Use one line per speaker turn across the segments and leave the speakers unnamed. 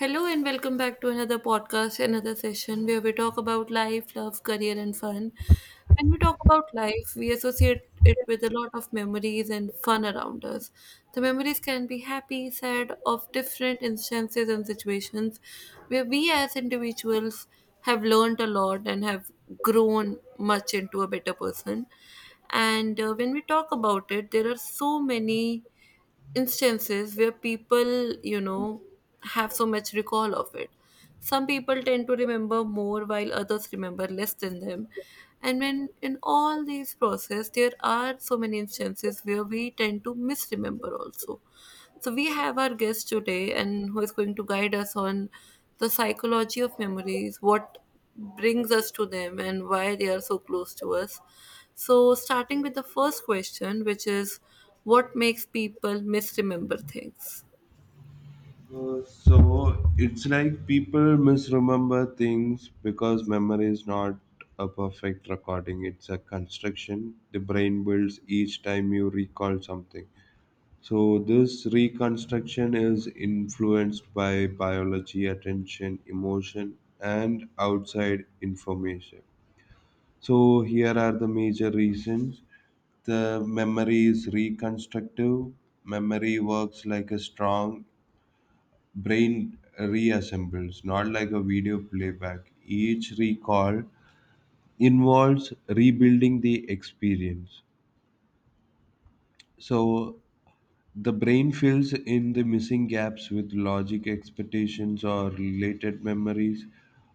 Hello and welcome back to another podcast, another session where we talk about life, love, career, and fun. When we talk about life, we associate it with a lot of memories and fun around us. The memories can be happy, sad, of different instances and situations where we as individuals have learned a lot and have grown much into a better person. And when we talk about it, there are so many instances where people have so much recall of it. Some people tend to remember more while others remember less than them. And when in all these process there are so many instances where we tend to misremember also. So we have our guest today, and who is going to guide us on the psychology of memories, what brings us to them, and why they are so close to us. So, starting with the first question, which is what makes people misremember things?
So it's like people misremember things because memory is not a perfect recording, it's a construction the brain builds each time you recall something. So this reconstruction is influenced by biology, attention, emotion, and outside information. So here are the major reasons. The memory is reconstructive. Memory works like a strong brain reassembles, not like a video playback. Each recall involves rebuilding the experience. So the brain fills in the missing gaps with logic, expectations, or related memories.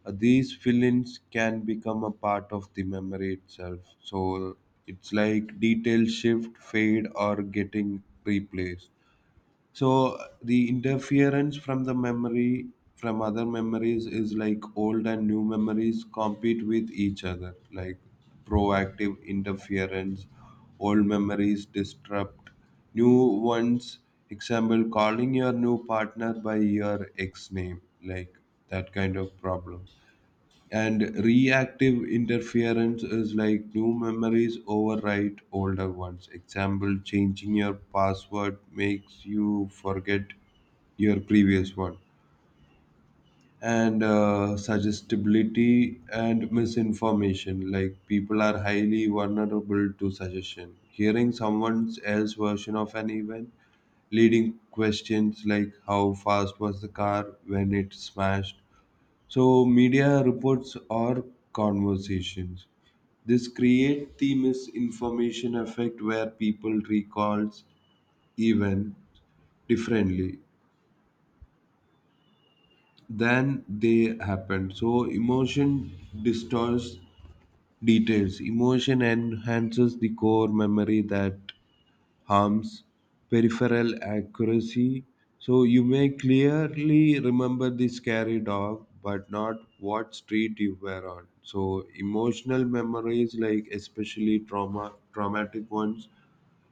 These fill ins can become a part of the memory itself. So it's like details shift, fade, or getting replaced. So the interference from the memory from other memories is like old and new memories compete with each other, like proactive interference, old memories disrupt new ones. Example, calling your new partner by your ex name, like that kind of problem. And reactive interference is like new memories overwrite older ones. Example, changing your password makes you forget your previous one. And suggestibility and misinformation, like people are highly vulnerable to suggestion. Hearing someone else's version of an event, leading questions like how fast was the car when it smashed, so media reports or conversations. This create the misinformation effect where people recalls even differently than they happened. So emotion distorts details. Emotion enhances the core memory that harms peripheral accuracy. So you may clearly remember the scary dog, but not what street you were on. So emotional memories, like especially trauma, traumatic ones,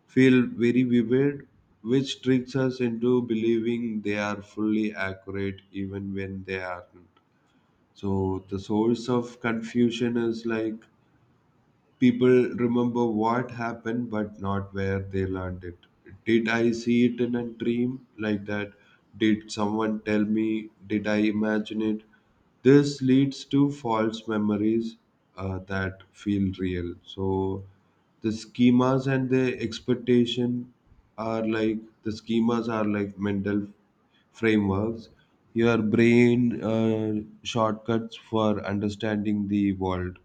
feel very vivid, which tricks us into believing they are fully accurate even when they aren't. So the source of confusion is like people remember what happened but not where they learned it. Did I see it in a dream like that? Did someone tell me? Did I imagine it? This leads to false memories that feel real. So the schemas and the expectation are like the schemas are like mental frameworks your brain shortcuts for understanding the world,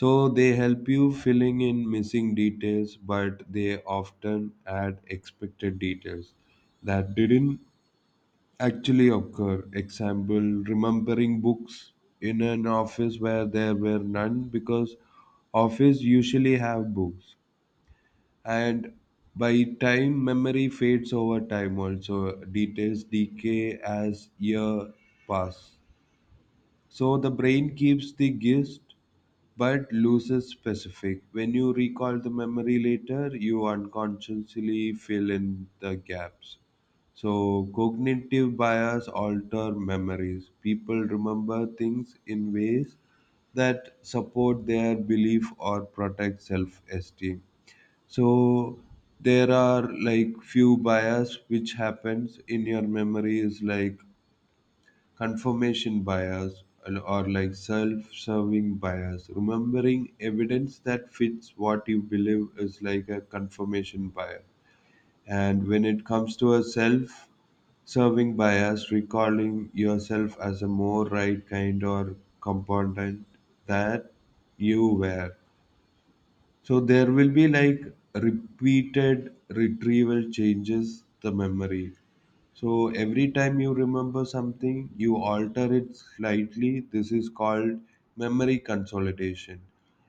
so they help you filling in missing details, but they often add expected details that didn't actually occur. Example, remembering books in an office where there were none because office usually have books. And by time memory fades over time, also details decay as year pass, so the brain keeps the gist but loses specific. When you recall the memory later, you unconsciously fill in the gaps. So, cognitive bias alter memories. People remember things in ways that support their belief or protect self-esteem. So, there are like few bias which happens in your memory is like confirmation bias and- or like self-serving bias, remembering evidence that fits what you believe is like a confirmation bias. And when it comes to a self-serving bias, recalling yourself as a more right kind or component that you were. So there will be like repeated retrieval changes the memory, so every time you remember something, you alter it slightly. This is called memory consolidation.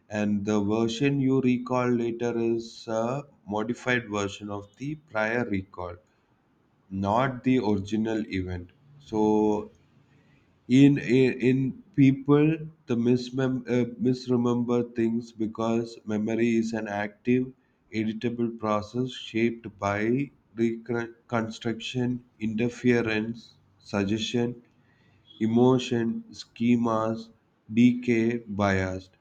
And the version you recall later is a modified version of the prior recall, not the original event. So in people the misremember things because memory is an active editable process shaped by reconstruction, interference, suggestion, emotion, schemas, decay, biased.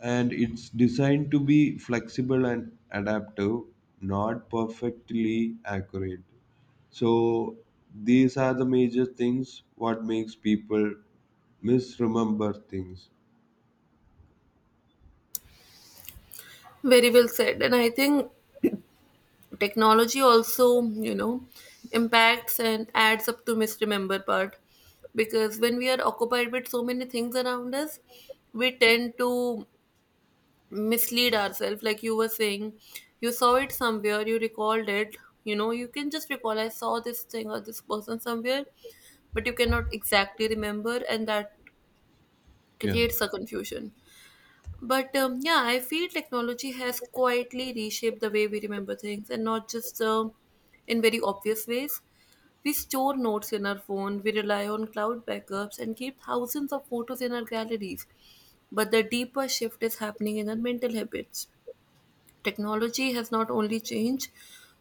And it's designed to be flexible and adaptive, not perfectly accurate. So these are the major things what makes people misremember things.
Very well said. And I think technology also impacts and adds up to misremember part because when we are occupied with so many things around us, we tend to mislead ourselves, like you were saying, you saw it somewhere, you recalled it, you can just recall, I saw this thing or this person somewhere, but you cannot exactly remember, and that
Yeah.
creates a confusion. But, yeah, I feel technology has quietly reshaped the way we remember things, and not just in very obvious ways. We store notes in our phone, we rely on cloud backups, and keep thousands of photos in our galleries, but the deeper shift is happening in our mental habits. Technology has not only changed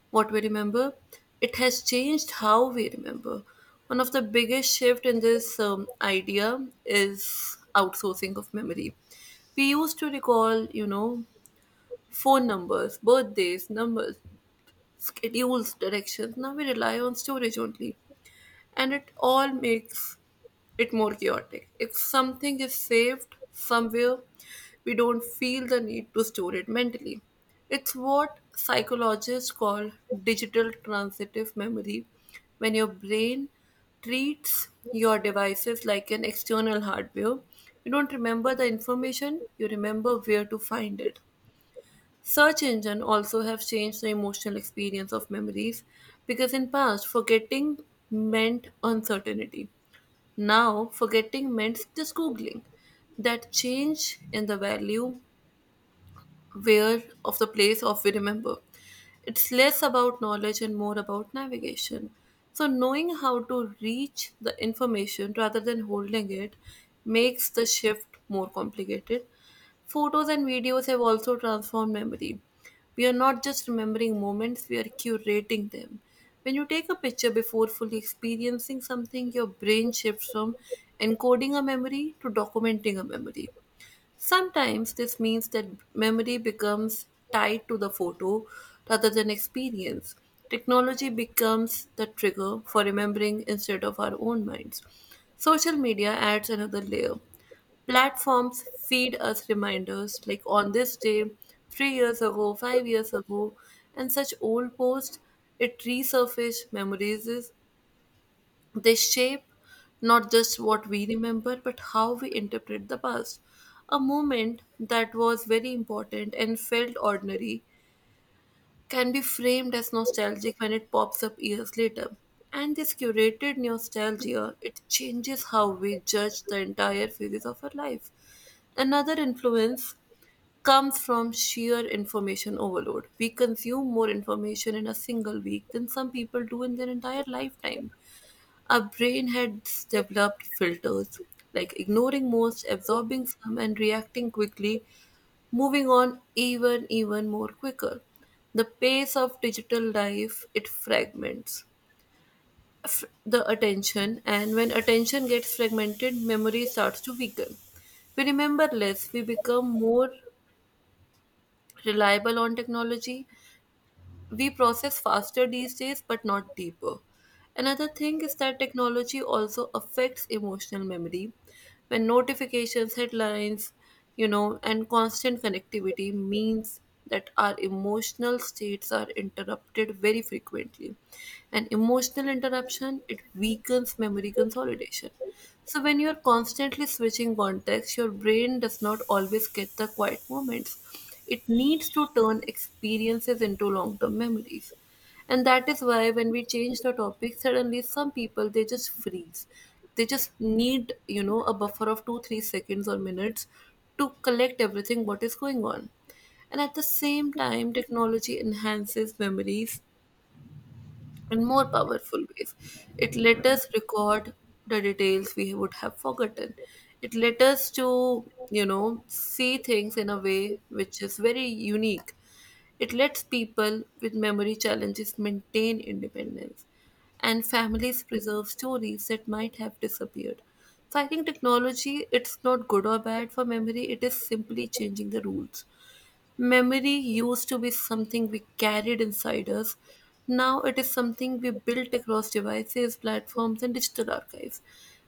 what we remember, it has changed how we remember. One of the biggest shift in this idea is outsourcing of memory. We used to recall phone numbers, birthdays, numbers, schedules, directions. Now we rely on storage only, and it all makes it more chaotic. If something is saved somewhere, we don't feel the need to store it mentally. It's what psychologists call digital transitive memory, when your brain treats your devices like an external hardware. You don't remember the information, you remember where to find it. Search engine also have changed the emotional experience of memories because in past forgetting meant uncertainty. Now forgetting meant just googling. That change in the value where of the place of we remember. It's less about knowledge and more about navigation. So, knowing how to reach the information rather than holding it makes the shift more complicated. Photos and videos have also transformed memory. We are not just remembering moments, we are curating them. When you take a picture before fully experiencing something, your brain shifts from encoding a memory to documenting a memory. Sometimes this means that memory becomes tied to the photo rather than experience. Technology becomes the trigger for remembering instead of our own minds. Social media adds another layer. Platforms feed us reminders like on this day, 3 years ago, 5 years ago, and such old posts. It resurfaces memories, they shape not just what we remember, but how we interpret the past. A moment that was very important and felt ordinary can be framed as nostalgic when it pops up years later. And this curated nostalgia, it changes how we judge the entire phases of our life. Another influence comes from sheer information overload. We consume more information in a single week than some people do in their entire lifetime. Our brain has developed filters, like ignoring most, absorbing some, and reacting quickly, moving on even more quicker. The pace of digital life, it fragments the attention, and when attention gets fragmented, memory starts to weaken. We remember less, we become more reliable on technology, we process faster these days but not deeper. Another thing is that technology also affects emotional memory, when notifications, headlines, and constant connectivity means that our emotional states are interrupted very frequently, and emotional interruption it weakens memory consolidation. So when you're constantly switching contexts, your brain does not always get the quiet moments. It needs to turn experiences into long-term memories. And that is why when we change the topic, suddenly some people they just freeze. They just need a buffer of two, 3 seconds or minutes to collect everything what is going on. And at the same time, technology enhances memories in more powerful ways. It let us record the details we would have forgotten. It let us to see things in a way which is very unique. It lets people with memory challenges maintain independence and families preserve stories that might have disappeared. So I think technology it's not good or bad for memory, it is simply changing the rules. Memory used to be something we carried inside us. Now it is something we built across devices, platforms, and digital archives.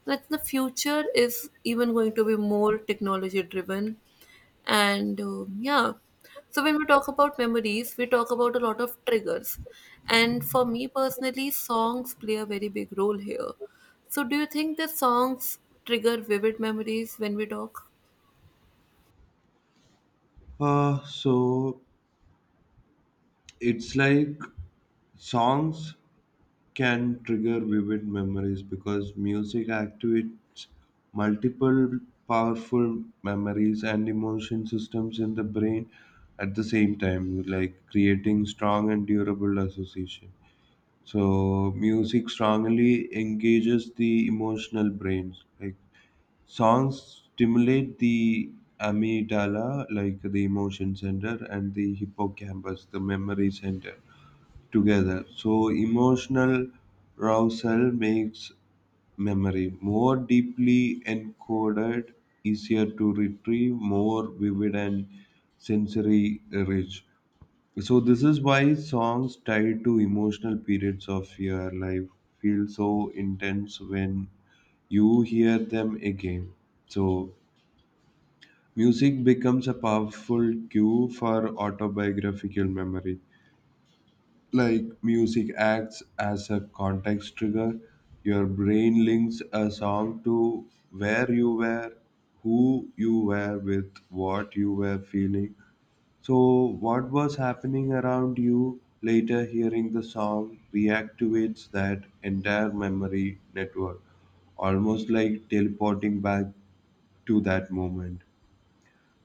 Like the future is even going to be more technology driven. And, yeah, so when we talk about memories, we talk about a lot of triggers. And for me personally, songs play a very big role here. So do you think the songs trigger vivid memories when we talk?
So it's like songs can trigger vivid memories because music activates multiple powerful memories and emotion systems in the brain at the same time, like creating strong and durable association. So music strongly engages the emotional brains. Like songs stimulate the amygdala, like the emotion center, and the hippocampus, the memory center together. So emotional arousal makes memory more deeply encoded, easier to retrieve, more vivid and sensory rich. So this is why songs tied to emotional periods of your life feel so intense when you hear them again. So music becomes a powerful cue for autobiographical memory, like music acts as a context trigger. Your brain links a song to where you were, who you were with, what you were feeling, so what was happening around you. Later, hearing the song reactivates that entire memory network, almost like teleporting back to that moment.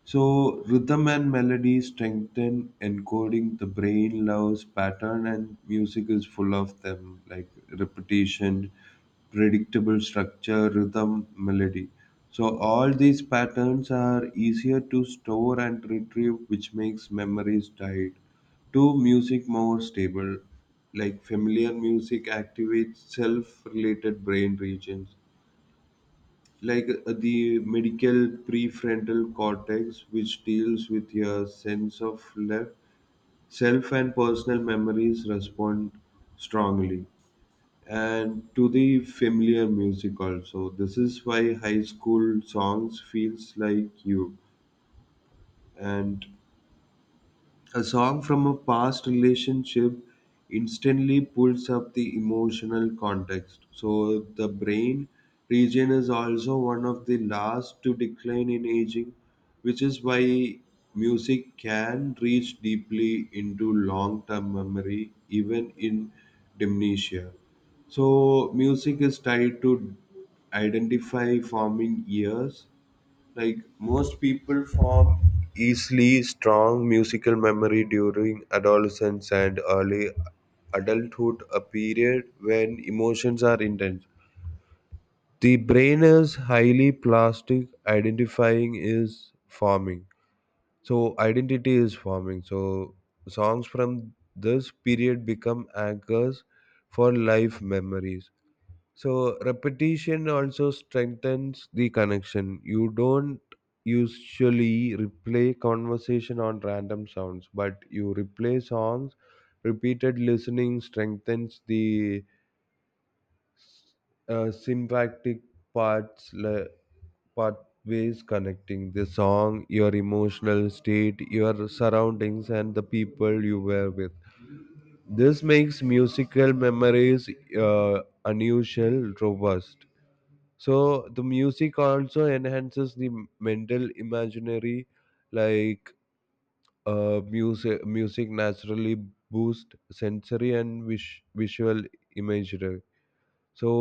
So rhythm and melody strengthen encoding. The brain loves pattern, and music is full of them, like repetition, predictable structure, rhythm, melody. So all these patterns are easier to store and retrieve, which makes memories tied to music more stable. Like familiar music activates self-related brain regions like the medical prefrontal cortex, which deals with your sense of self and personal memories, respond strongly. And to the familiar music also. This is why high school songs feels like you. And a song from a past relationship instantly pulls up the emotional context. So the brain region is also one of the last to decline in aging, which is why music can reach deeply into long-term memory even in dementia. So music is tied to identify forming years, like most people form easily strong musical memory during adolescence and early adulthood, a period when emotions are intense. The brain is highly plastic, identifying is forming. So identity is forming. So songs from this period become anchors for life memories. So repetition also strengthens the connection. You don't usually replay conversation on random sounds, but you replay songs. Repeated listening strengthens the sympathic parts pathways connecting the song, your emotional state, your surroundings, and the people you were with. This makes musical memories unusual, robust. So the music also enhances the mental imaginary, like music naturally boost sensory and visual imagery. So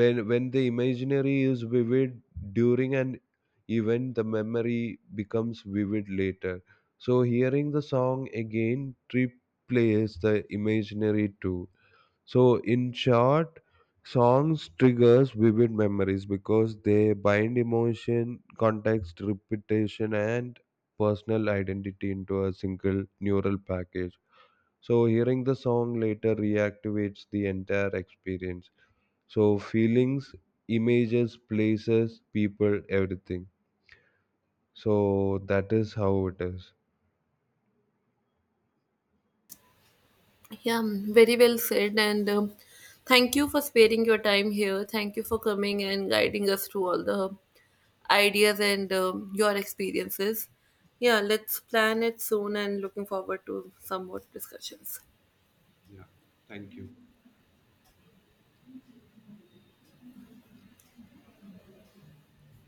when the imaginary is vivid during an event, the memory becomes vivid later. So hearing the song again replays the imaginary too. So in short, songs triggers vivid memories because they bind emotion, context, repetition, and personal identity into a single neural package. So hearing the song later reactivates the entire experience. So feelings, images, places, people, everything. So that is how it is.
Yeah, very well said. And thank you for sparing your time here. Thank you for coming and guiding us through all the ideas and your experiences. Yeah, let's plan it soon and looking forward to some more discussions.